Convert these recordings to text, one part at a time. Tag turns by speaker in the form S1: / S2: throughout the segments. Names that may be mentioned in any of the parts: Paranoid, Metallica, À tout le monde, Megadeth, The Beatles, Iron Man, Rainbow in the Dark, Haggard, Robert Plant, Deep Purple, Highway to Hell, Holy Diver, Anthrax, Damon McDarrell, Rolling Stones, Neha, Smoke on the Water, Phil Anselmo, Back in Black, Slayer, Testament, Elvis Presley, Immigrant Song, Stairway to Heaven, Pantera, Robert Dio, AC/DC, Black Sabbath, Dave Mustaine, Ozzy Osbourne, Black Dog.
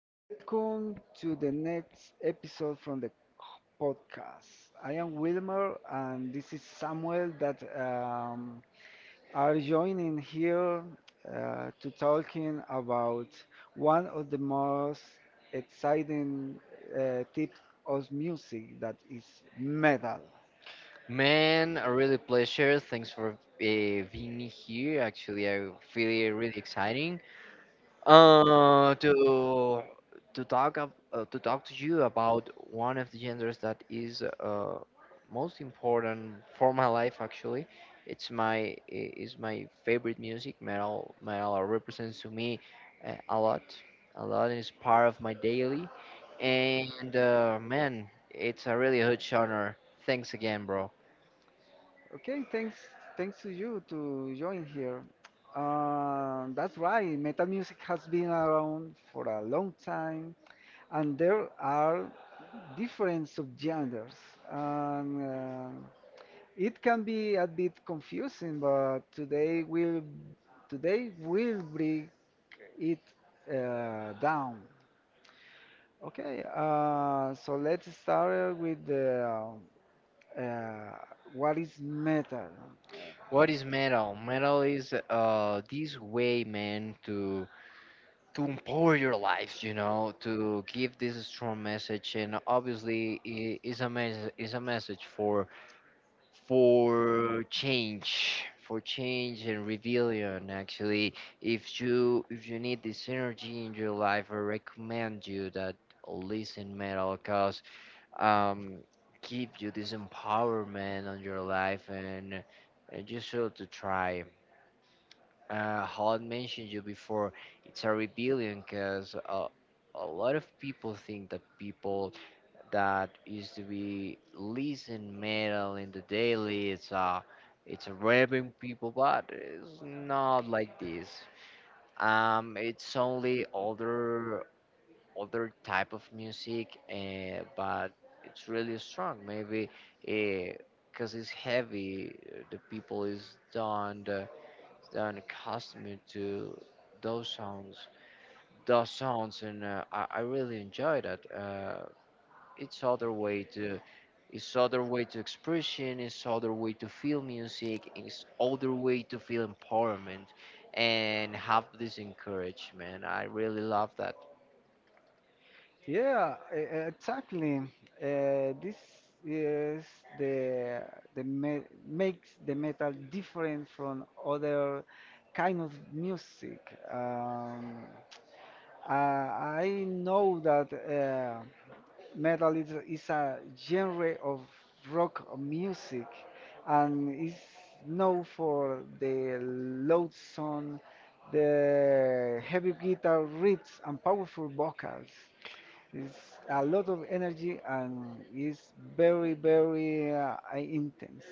S1: Welcome to the next episode from the podcast. I am Wilmer and this is Samuel that are joining here to talking about one of the most exciting types of music that is metal.
S2: Man, a really pleasure. Thanks for being here. Actually, I feel it really exciting uh, to to talk to talk to you about one of the genders that is most important for my life. Actually, it's is my favorite music. Metal represents to me a lot, a lot. It's part of my daily, and man, it's a really huge honor. Thanks again, bro.
S1: Okay, thanks, thanks to you to join here. That's right. Metal music has been around for a long time, and there are different subgenres, and it can be a bit confusing. But today we'll break it down. Okay, so let's start with uh, uh, what is metal.
S2: What is metal? Metal is this way, man, to empower your lives, you know, to give this strong message, and obviously is a is a message for change and rebellion. Actually, if you need this energy in your life, I recommend you that listen metal, cause um give you this empowerment on your life and. And you should to try how I mentioned you before, it's a rebellion because a lot of people think that people that used to be listen metal in the daily, it's a rapping people, but it's not like this. It's only other type of music, but it's really strong. Maybe because it's heavy, the people is done and accustomed to those sounds, those sounds, and I really enjoy that. It's other way to, it's other way to expression, it's other way to feel music, it's other way to feel empowerment, and have this encouragement. I really love that.
S1: Yeah, exactly. This is the the me makes the metal different from other kind of music. Um, I know that metal is a genre of rock music and is known for the loud sound, the heavy guitar riffs, and powerful vocals. It's a lot of energy and it's very, very intense.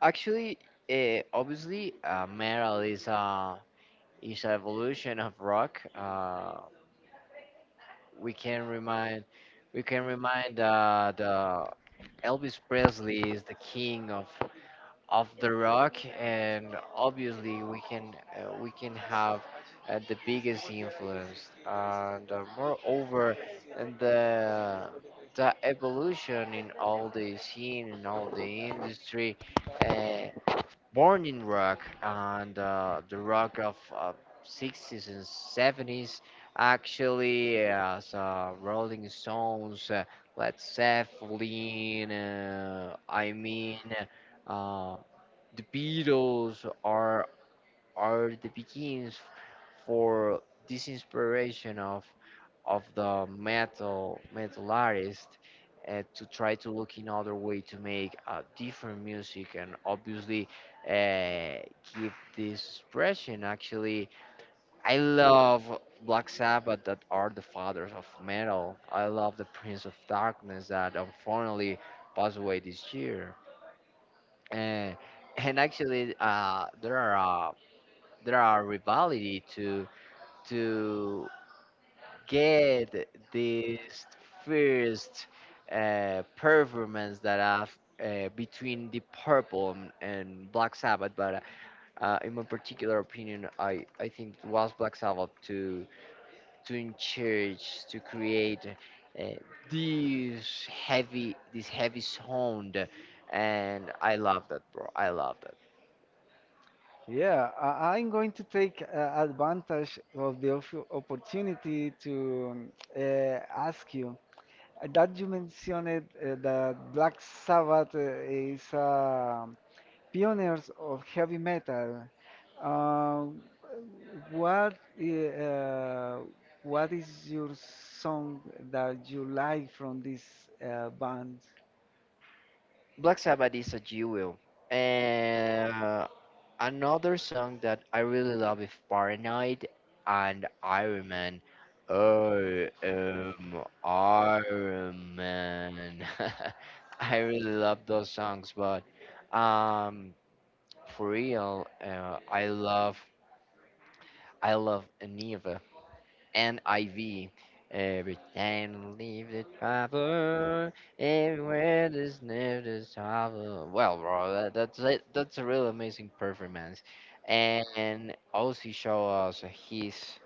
S2: Actually, obviously, metal is a is an evolution of rock. We can remind we can remind that. Elvis Presley is the king of the rock, and obviously we can have the biggest influence, and moreover, and the evolution in all the scene in all the industry. Uh, born in rock and the rock of sixties and seventies, actually, as Rolling Stones, Led Zeppelin, I mean uh, the Beatles are the beginnings for this inspiration of the metal artist to try to look in other way to make different music, and obviously uh, give this expression. Actually, I love Black Sabbath, that are the fathers of metal. I love the Prince of Darkness, that unfortunately passed away this year. uh, and actually there are rivalry to get this first performance that I've between the Purple and, Black Sabbath, but in my particular opinion, I think it was Black Sabbath to encourage to create uh, this heavy sound, and I love that, bro. I love that.
S1: Yeah, I'm going to take advantage of the opportunity to ask you that you mentioned that Black Sabbath is pioneers of heavy metal. Uh, what i- uh, what is your song that you like from this band?
S2: Black Sabbath is a jewel, and another song that I really love is Paranoid and Iron Man. Oh, am Iron Man. I really love those songs, but um, for real, I love Neve and IV. Every time leave the travel, everywhere there's never travel. Well, bro, that, that's it. That's a really amazing performance, and also show us his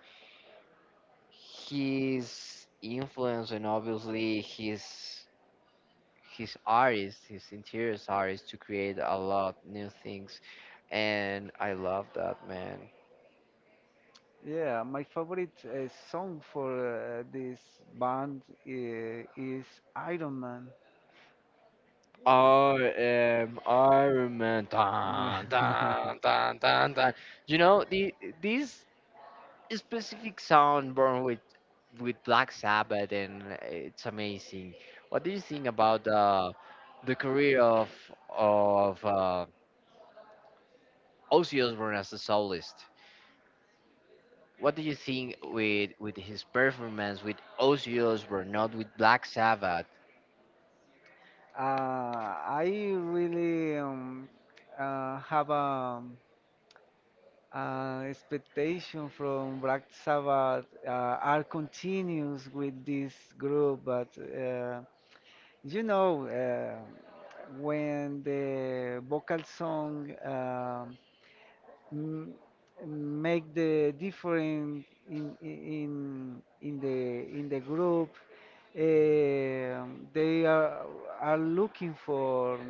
S2: his influence and obviously his artist, his interiors artist to create a lot new things, and I love that, man.
S1: Yeah, my favorite song for this band is Iron Man.
S2: I am Iron Man. Dun,
S1: Yeah.
S2: dun, dun, dun, dun. You know, the this specific sound born with Black Sabbath, and it's amazing. What do you think about the career of of uh, Ozzy Osbourne as a soloist? What do you think with his performance with Ozzy Osbourne, not with Black Sabbath?
S1: Uh, I really have a expectation from Black Sabbath are continuous with this group, but you know when the vocal song m- make the difference in in the group. They are looking for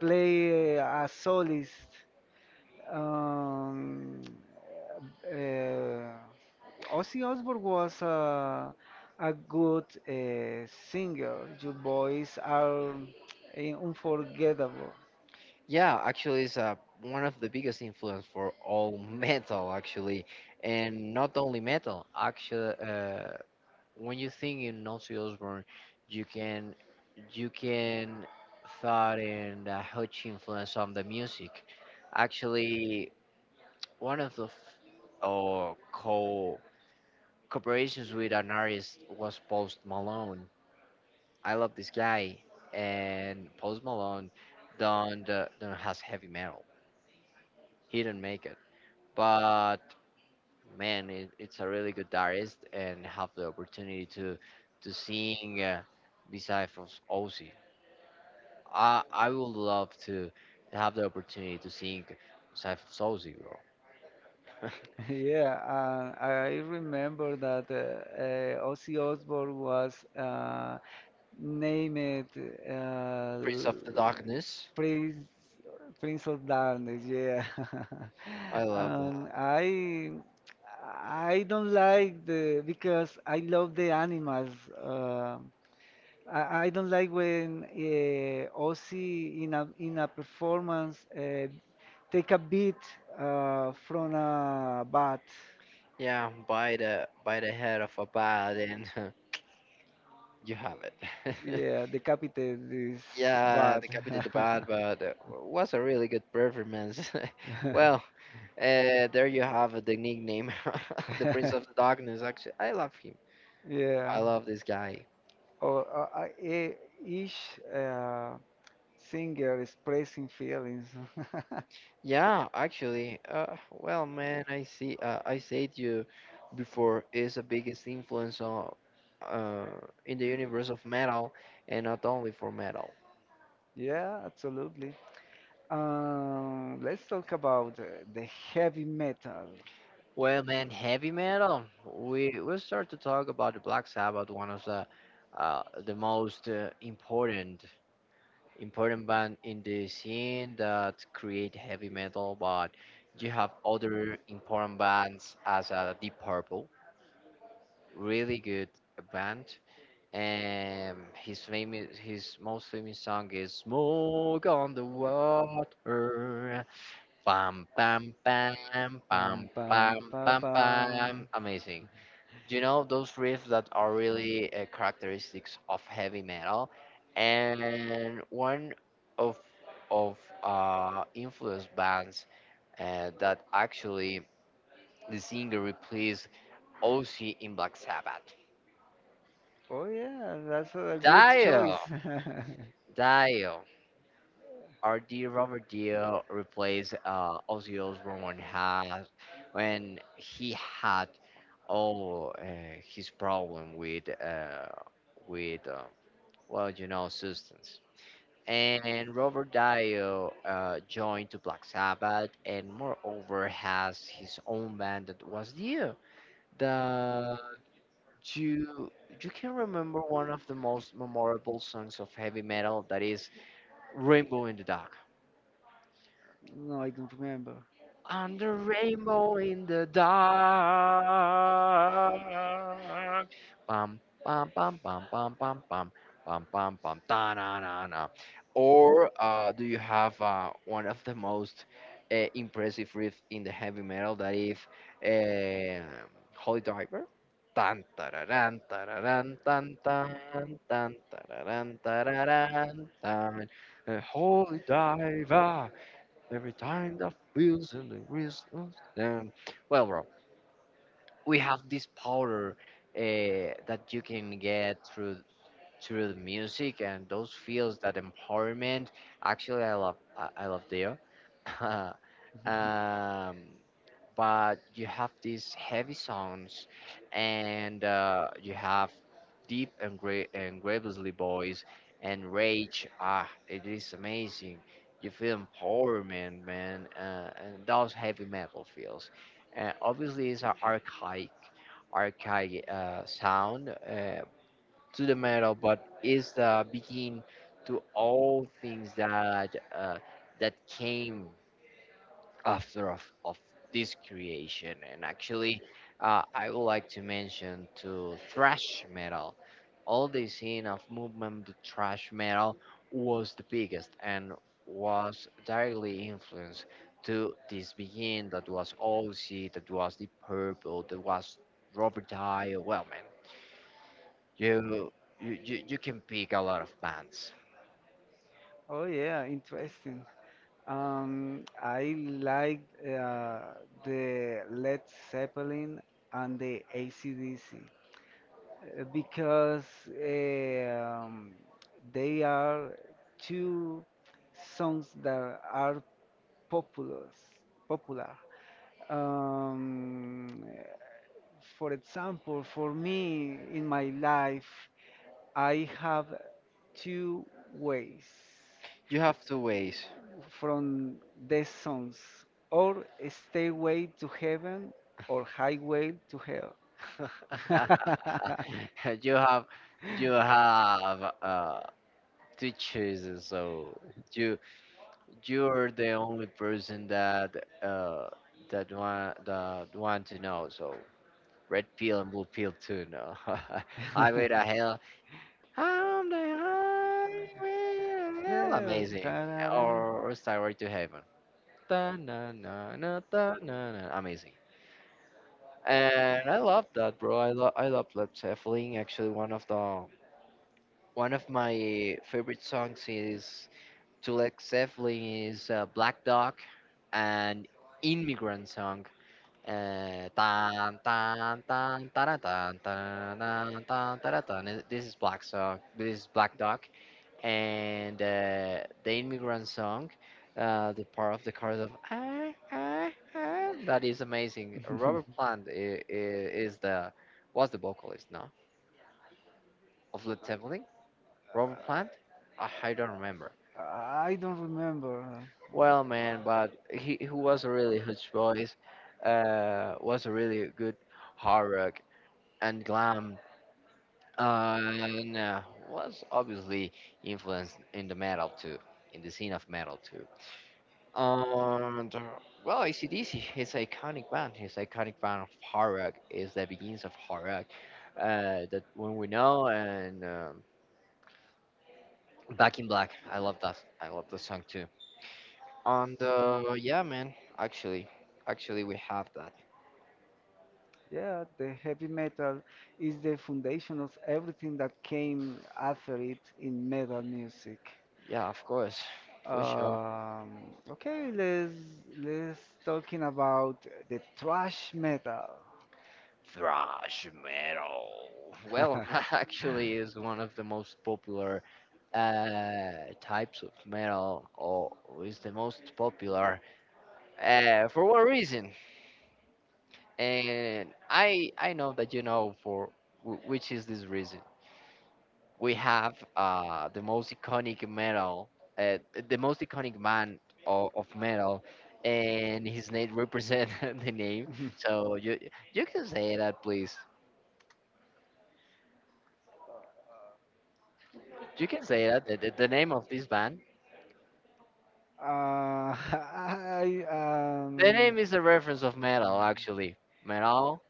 S1: play a solist. Um, uh, Ozzy Osbourne was a good singer. Your voice are unforgettable.
S2: Yeah, actually, it's one of the biggest influence for all metal, actually, and not only metal. Actually, when you think in Ozzy Osbourne, you can you can thought in the huge influence on the music. Actually, one of the f- oh, co cooperations with an artist was Post Malone. I love this guy, and Post Malone don't has heavy metal. He didn't make it, but man, it's a really good artist and have the opportunity to sing beside from Ozzy. I would love to have the opportunity to sing beside from Ozzy, bro.
S1: Yeah, and I remember that Ozzy Osbourne was named Prince
S2: Prince of the
S1: of Darkness.
S2: Darkness.
S1: Prince of Darkness. Yeah,
S2: I love that.
S1: and I don't like the because I love the animals. Uh, I don't like when Ozzy in a performance take a beat from a bat.
S2: Yeah, by the head of a bat, and you have it.
S1: Yeah, decapitated is
S2: Yeah,
S1: bad.
S2: the copy did the bad, but it was a really good performance.
S1: But
S2: Well, there you have it, the nickname, the Prince of the Darkness. Actually, I love him.
S1: actually. Yeah,
S2: I love
S1: I
S2: this guy.
S1: or I- e- each uh, singer expressing feelings.
S2: Yeah, actually, well, man, I see. I said you before is the biggest influence on, uh, in the universe of metal, and not only for metal.
S1: Yeah, absolutely. Let's talk about the heavy metal.
S2: Well, man, heavy metal. We start to talk about the Black Sabbath, one of the most important band in the scene that create heavy metal. But you have other important bands as Deep Purple, really good band. And his famous his most famous song is "Smoke on the Water." Bam, bam, bam, bam,
S1: Bam,
S2: bam,
S1: bam,
S2: bam,
S1: ba,
S2: bam.
S1: bam.
S2: Amazing, you know, those riffs that are really characteristics of heavy metal, and one of of influence bands that actually the singer replaced Ozzy in Black Sabbath.
S1: Amazing. Oh yeah, that's a good choice.
S2: Dio,
S1: Dio.
S2: Dio, our dear Robert Dio replaced Ozzy Osbourne when had when he had all his problem with well, you know, substance. And Robert Dio joined to Black Sabbath and moreover has his own band that was Dio. The you you can remember one of the most memorable songs of heavy metal that is Rainbow in the Dark.
S1: No, I don't remember.
S2: And the rainbow in the dark. Bum, bum, bum, bum, bum, bum, bum, bum, bum, bum, da, na, na, na. Or do you have one of the most impressive riffs in the heavy metal that is uh, Holy Diver? Tan tararan tararan tan tan tan tararan tararan tan. Holy Diver. Every time the feels and the wrist. And, well, bro, we have this powder that you can get through through the music and those feels that empowerment. Actually, I love Dio. um, but you have these heavy sounds, and you have deep and great and gravely voice and rage. Ah, it is amazing. You feel empowerment, man. And those heavy metal feels, obviously it's an archaic sound to the metal, but is the begin to all things that that came after of this creation. And actually, I would like to mention to thrash metal. All the scene of movement to thrash metal was the biggest and was directly influenced to this begin that was Ozzy, that was the Purple, that was Robert Dio. Well, man, you you can pick a lot of bands.
S1: Oh yeah, interesting. I like the Led Zeppelin and the AC/DC because uh, um, they are two songs that are popular. Popular. Um, for example, for me in my life, I have two ways.
S2: You have two ways.
S1: From the songs, or Stairway to Heaven or Highway to Hell.
S2: you have you have two choices. So you you're the only person that uh that want to know. So red pill and blue pill too. No,
S1: Yeah.
S2: highway to hell. I'm the highway to hell. Amazing.
S1: Tarara.
S2: Or Skyward to Heaven. Da na na na da na na. Amazing. And I love that, bro. I love Led Zeppelin. Actually, one of the one of my favorite songs is to Led Zeppelin is Black Dog and Immigrant Song. Tan, tan, tan, tan, tan, tan, tan, tan, tan, tan. This is Black Song. This is Black Dog and the immigrant song, the part of the chorus of ah, ah, ah, that is amazing. Robert Plant is the was the vocalist, no, of Led Zeppelin. Robert Plant, ah, I don't remember.
S1: I don't remember.
S2: Well, man, but he was a really huge voice. Was a really good hard rock and glam. And was obviously influenced in the metal too, in the scene of metal too. And well, AC/DC is iconic band. His iconic band of hard rock is the beginnings of hard rock. That when we know and Back in Black. I love that. I love the song too. And yeah, man. Actually, actually, we have that.
S1: Yeah, the heavy metal is the foundation of everything that came after it in metal music.
S2: Yeah, of course, for sure.
S1: Okay, let's talking about the thrash metal.
S2: Thrash metal. Well, actually, is one of the most popular types of metal, or is the most popular for one reason. And I know that you know for which is this reason. We have the most iconic metal, uh, the most iconic man of metal, and his name represents the name. So you you can say that, please. You can say that the name of this band.
S1: Uh, I um.
S2: The name is a reference of metal, actually. Metal,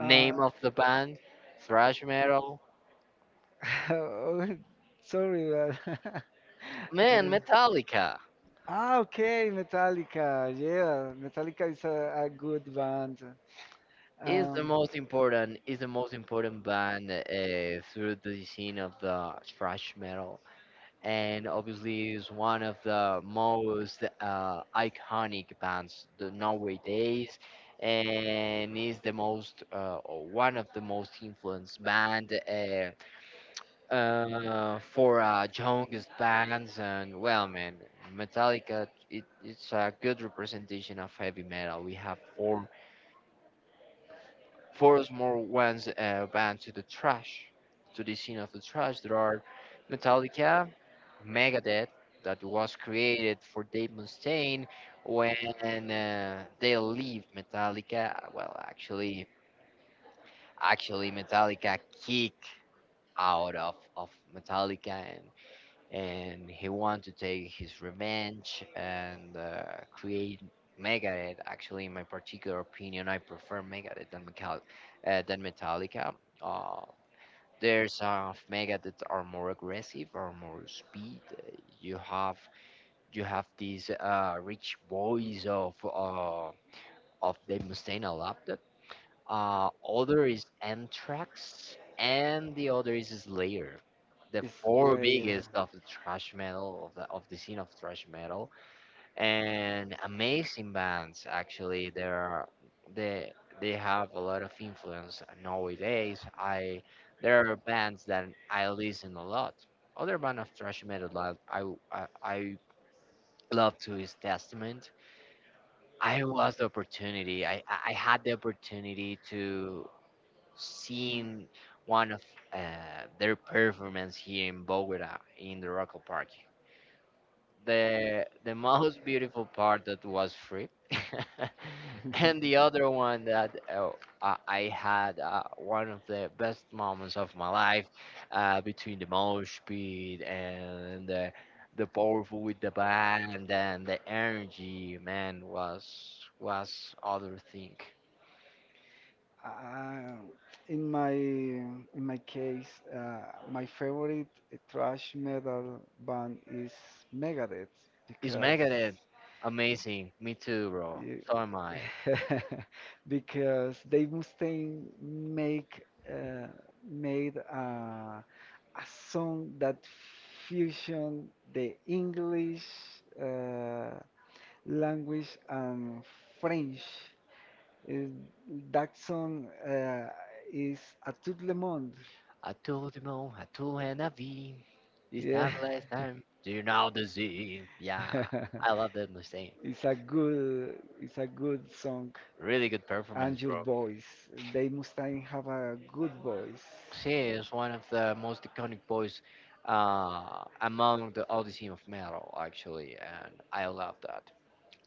S1: Uh,
S2: of the band, thrash metal.
S1: oh, sorry, but
S2: Man,
S1: I
S2: Metallica.
S1: Ah, okay, Metallica. Yeah, Metallica is a good band. He's
S2: Is the most important band through the scene of the thrash metal, and obviously is one of the most iconic bands the nowadays, and is the most or one of the most influenced band for youngest bands. And well, man, Metallica it's a good representation of heavy metal. We have four Forest more once went to the trash, to the scene of the trash. There are Metallica, Megadeth, that was created for Dave Mustaine when they leave Metallica. Well, actually, Metallica kick out of Metallica, and he wanted to take his revenge and create Megadeth. Actually, in my particular opinion, I prefer Megadeth than, than Metallica. Uh, there's some of Megadeth that are more aggressive, are more speed. You have you have this rich voice of Dave Mustaine a lot. Other is Anthrax, and the other is Slayer. The
S1: is
S2: four
S1: Slayer.
S2: biggest of the thrash metal of the scene of thrash metal, and amazing bands. Actually, there are they they have a lot of influence nowadays. I There are bands that I listen a lot. Other band of thrash metal that I love to is Testament. I was the opportunity. I had the opportunity to seeing one of their performance here in Bogota in the Rock Park. The most beautiful part that was free, and the other one that I had one of the best moments of my life between the mosh pit and the powerful with the band and the energy, man, was other thing.
S1: Uh, in my case, my favorite thrash metal band is Megadeth. It's
S2: Is
S1: because
S2: Megadeth
S1: Megadeth.
S2: amazing? Me too, bro.
S1: So
S2: So am I.
S1: am I. Because Dave Mustaine make uh, made a song that fusion the English uh, language and French. Uh, that song is A tout le monde.
S2: I told him all, I told and I V. This
S1: Yeah.
S2: time, last time, do you know the Z? Yeah, I love that Mustaine.
S1: It's a good song,
S2: Really good performance,
S1: and your
S2: bro.
S1: voice. They must have a good voice.
S2: She is one of the most iconic voice among the Odyssey of Metal, actually, and I love that.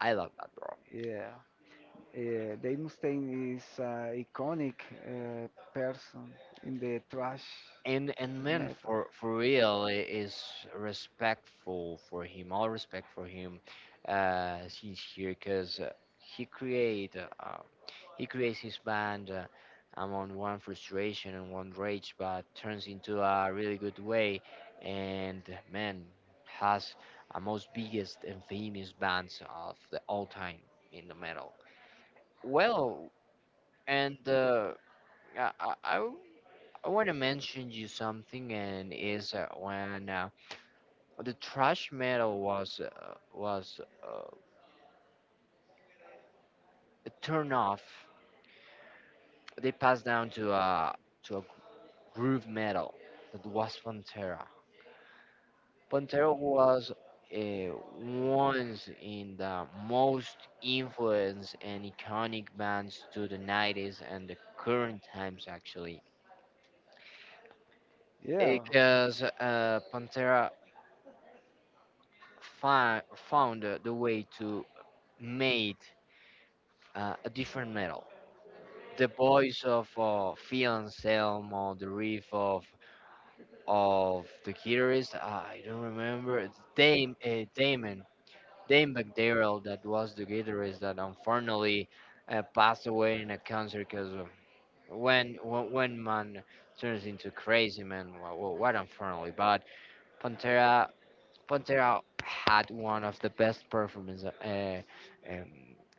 S2: I love that, bro.
S1: Yeah, Dave Mustaine is an iconic uh, person in the thrash
S2: And man
S1: metal.
S2: for real, is respectful for him, all respect for him. He's here because he create he creates his band among one frustration and one rage, but turns into a really good way. And man, has a most biggest and famous bands of the all time in the metal. Well, and I, I I want to mention you something, and is when the trash metal was uh, turned off. They passed down to a groove metal that was Pantera. Pantera was once in the most influenced and iconic bands to the 90s and the current times actually,
S1: Yeah,
S2: because Pantera found the way to made a different metal. The voice of Fianselm or the riff of the guitarist, I don't remember. It's Dame, Damon, Dame McDarrell, that was the guitarist that unfortunately passed away in a concert because when man turns into crazy man, what unfortunately. But Pantera Pantera had one of the best performances um,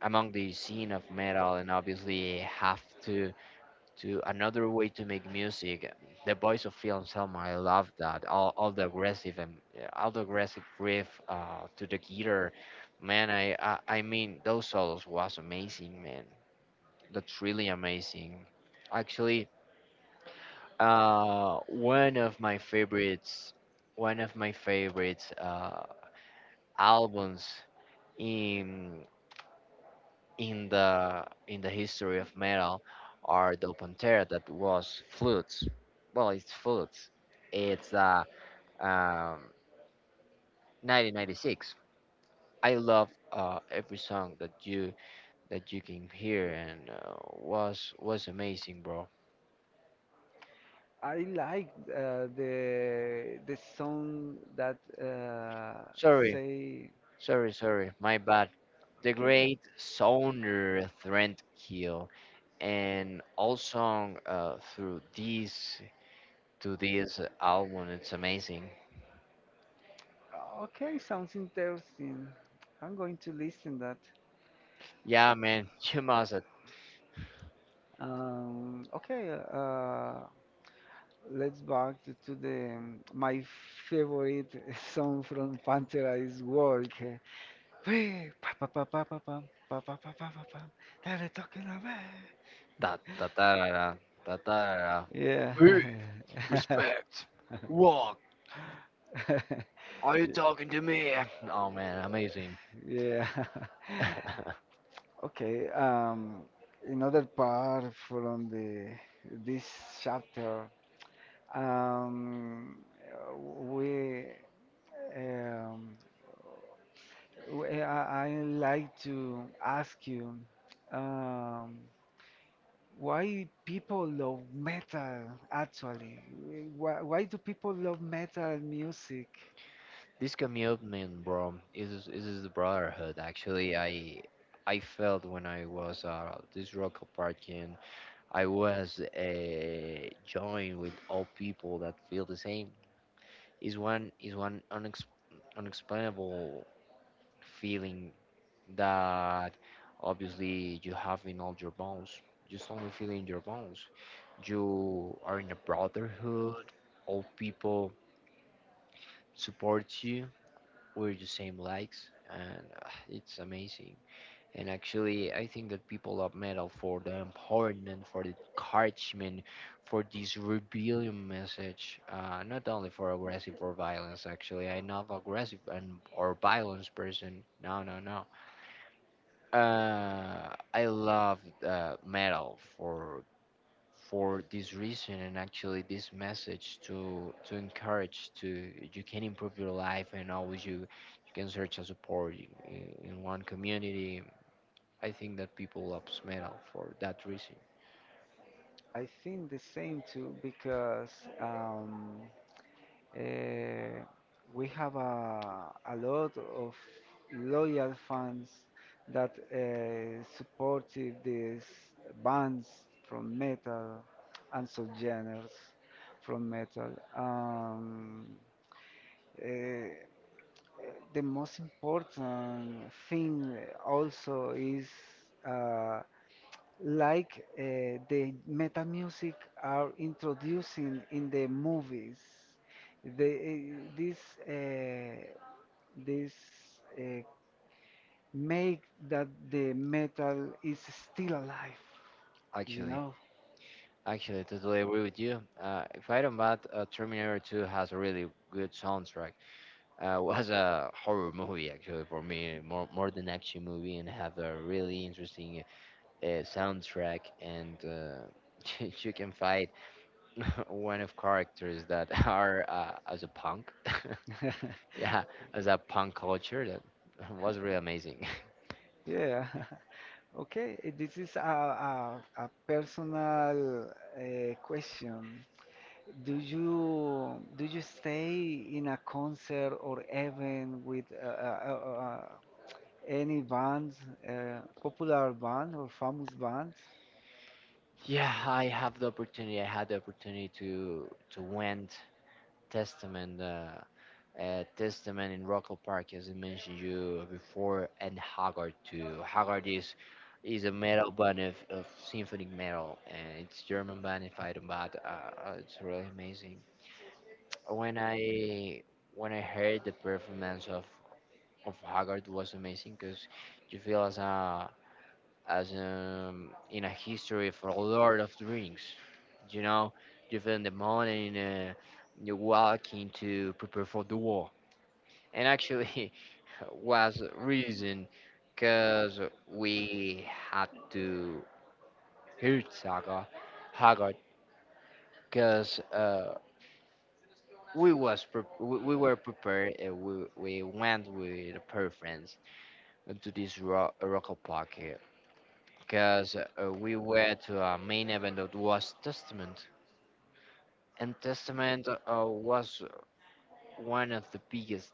S2: among the scene of metal, and obviously have to another way to make music. The voice of Phil Anselmo, I love that. All the aggressive and yeah, all the aggressive riff to the guitar, man. I mean those solos was amazing, man. That's really amazing. Actually, one of my favorites, one of my favorites albums in in the history of metal are the pantera that was flutes. Well, it's flutes. It's um 1996. I love every song that you can hear and was amazing, bro.
S1: I like the song that
S2: Sorry,
S1: say
S2: sorry. My bad. The
S1: okay,
S2: great
S1: no-
S2: Sonar Threntkill and all song through this to this album. It's amazing.
S1: okay, sounds interesting. I'm going to listen that.
S2: Yeah, man. Yamaza.
S1: Okay, let's back to the my favorite song from Pantera is Work. Hey, pa- pa- pa- pa- pa- pam, pa- pa- pa- pa- pa- pam, that I talking about.
S2: Da da da da da da da da. Da.
S1: Yeah,
S2: Hey, respect. Walk. Are you talking to me? Oh man, amazing.
S1: Yeah. Okay, another part from the this chapter, um, we, um, we I like to ask you, um, why people love metal actually? Why do people love metal music?
S2: This commitment, bro, is the brotherhood. Actually, I felt when I was this rock parking, I was joined with all people that feel the same. Is one unexplainable feeling that obviously you have in all your bones. Just only feel in your bones. You are in a brotherhood. All people support you. We're the same likes, and it's amazing. And actually, I think that people love metal for the empowerment, for the encouragement, for this rebellion message. Not only for aggressive or violence. Actually, I'm not aggressive and or violence person. No, no, no. Uh, I love metal for this reason, and actually this message to encourage to you can improve your life, and always you can search a support in one community. I think that people loves metal for that reason.
S1: I think the same too because. Um, Uh, we have a lot of loyal fans that supported these bands from metal and subgenres from metal. Um, uh, the most important thing also is uh, like the meta music are introducing in the movies. The, this uh, this uh, make that the metal is still alive, you
S2: Actually,
S1: know.
S2: actually, totally agree with you. If I don't bad, Terminator 2 has a really good soundtrack. Was a horror movie actually for me, more more than action movie, and have a really interesting soundtrack, and you can fight one of characters that are as a punk. Yeah, as a punk culture that was really amazing.
S1: Yeah. Okay, this is a, a personal question. Do you stay in a concert or event with any band, popular band or famous band?
S2: Yeah, I have the opportunity. I had the opportunity to went Testament. Testament in Rockall Park, as I mentioned you before, and Haggard too. Haggard is a metal band of symphonic metal, and it's German band if I don't bad. It's really amazing. when I when I heard the performance of Haggard was amazing because you feel as a as in a history for Lord of the Rings, you know, you feel in the morning you're walking to prepare for the war, and actually was reason because we had to hurt Saga Haggard because we were prepared, and we went with a pair of friends to this rock, rock pocket because we were to a main event that was testament, and testament was one of the biggest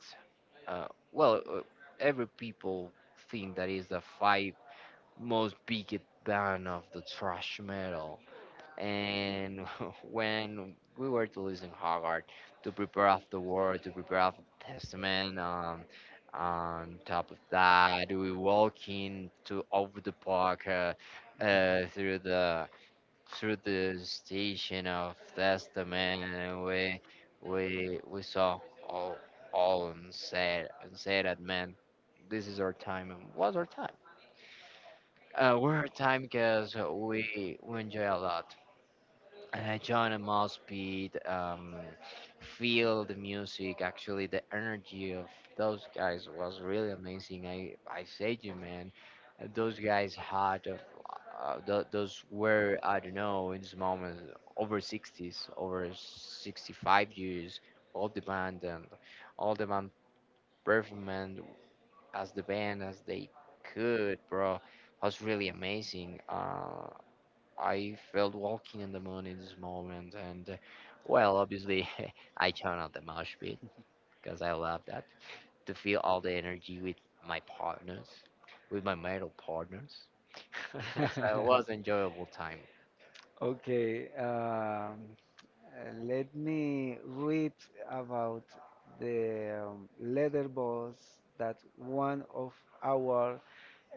S2: uh, well uh, every people think that is the five most biggest band of the thrash metal. And when we were to listen Haggard to prepare of the word, to prepare of the testament, on top of that, we walk in to over the park uh, through the through the station of testament, and we saw all all and said that, man, this is our time, and was our time. We're our time because we enjoy a lot join a mosh pit, feel the music. Actually, the energy of those guys was really amazing. I say to you, man, those guys had of those were I don't know in this moment over 60s, over 65 years of the band, and all the band performing as the band as they could, bro. Was really amazing. I felt walking in the moon in this moment, and well, obviously, I turned out the mosh pit because I love that to feel all the energy with my partners, with my metal partners. So it was enjoyable time.
S1: Okay, let me read about the letter box that one of our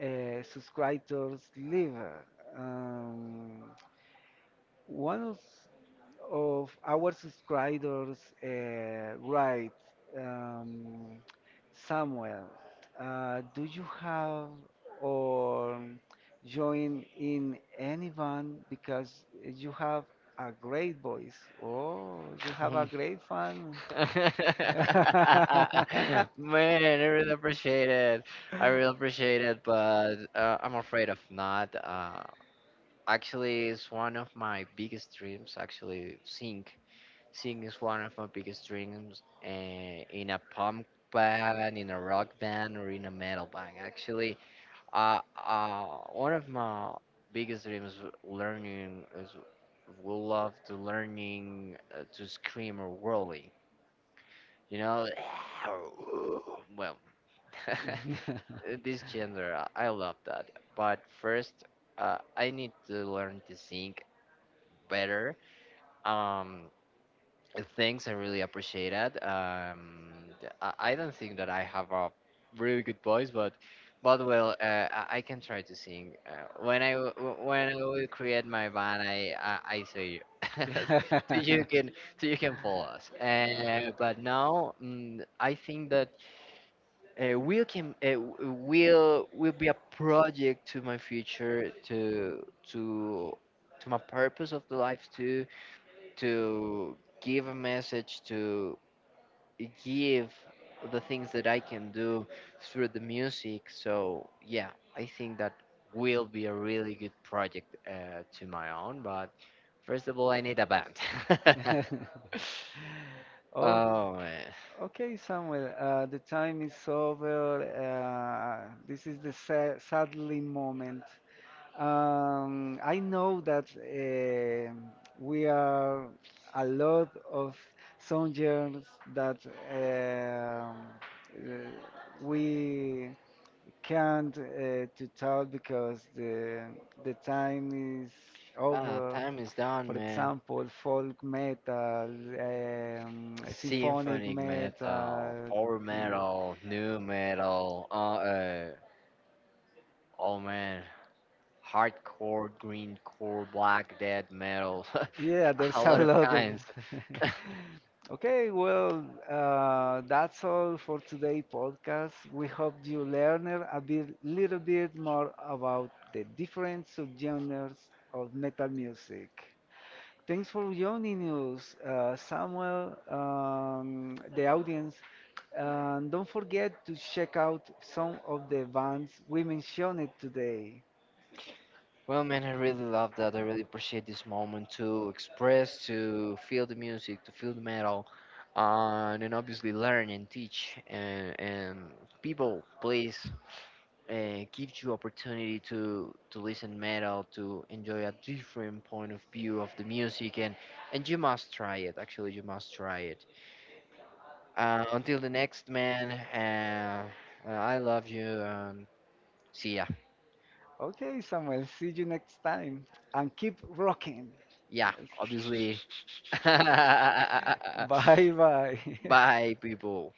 S1: subscribers leave. Um, one of our subscribers write um, Samuel, do you have or join in any band because you have a great voice? Oh, you have a
S2: Um,
S1: great fan.
S2: Man, I really appreciate it. I really appreciate it, but I'm afraid of not. Actually, it's one of my biggest dreams. Actually, seeing singing is one of my biggest dreams in a punk band, in a rock band, or in a metal band. Actually, uh, uh, one of my biggest dreams learning is would love to learning to scream or rolling. You know, well, this gender, I love that. But first, I need to learn to sing better. Um, Thanks, I really appreciate it. I don't think that I have a really good voice, but well, I can try to sing. When when I will create my band, I say you, so you can so you can follow us. But now, mm, I think that will can will be a project to my future to my purpose of the life too to give a message, to give the things that I can do through the music. So, yeah, I think that will be a really good project to my own. But first of all, I need a band.
S1: Okay.
S2: Oh, man.
S1: Okay, Samuel, the time is over. This is the sa sadly moment. I know that we are a lot of soldiers that eh, we can't to talk because the time is
S2: Ah,
S1: over.
S2: time is done,
S1: For
S2: man.
S1: example, folk metal, symphonic
S2: Symphonic metal,
S1: metal.
S2: power
S1: Uh,
S2: metal, new metal, oh man, hardcore, greencore, black death metal.
S1: Yeah,
S2: A
S1: there's a
S2: lot of
S1: lot of.
S2: kinds.
S1: Okay, well, that's all for today' podcast. We hope you learned a little bit more about the different subgenres of metal music. Thanks for joining us, Samuel, the audience. And don't forget to check out some of the bands we mentioned today.
S2: Well, man, I really love that. I really appreciate this moment to express, to feel the music, to feel the metal, and obviously learn and teach. And people, please, give you opportunity to listen metal, to enjoy a different point of view of the music, and you must try it. Actually, you must try it. Until the next man, I love you. See ya.
S1: Okay, Samuel, see you next time. And keep rocking. Yes.
S2: Yeah, obviously. Bye,
S1: Bye bye.
S2: people.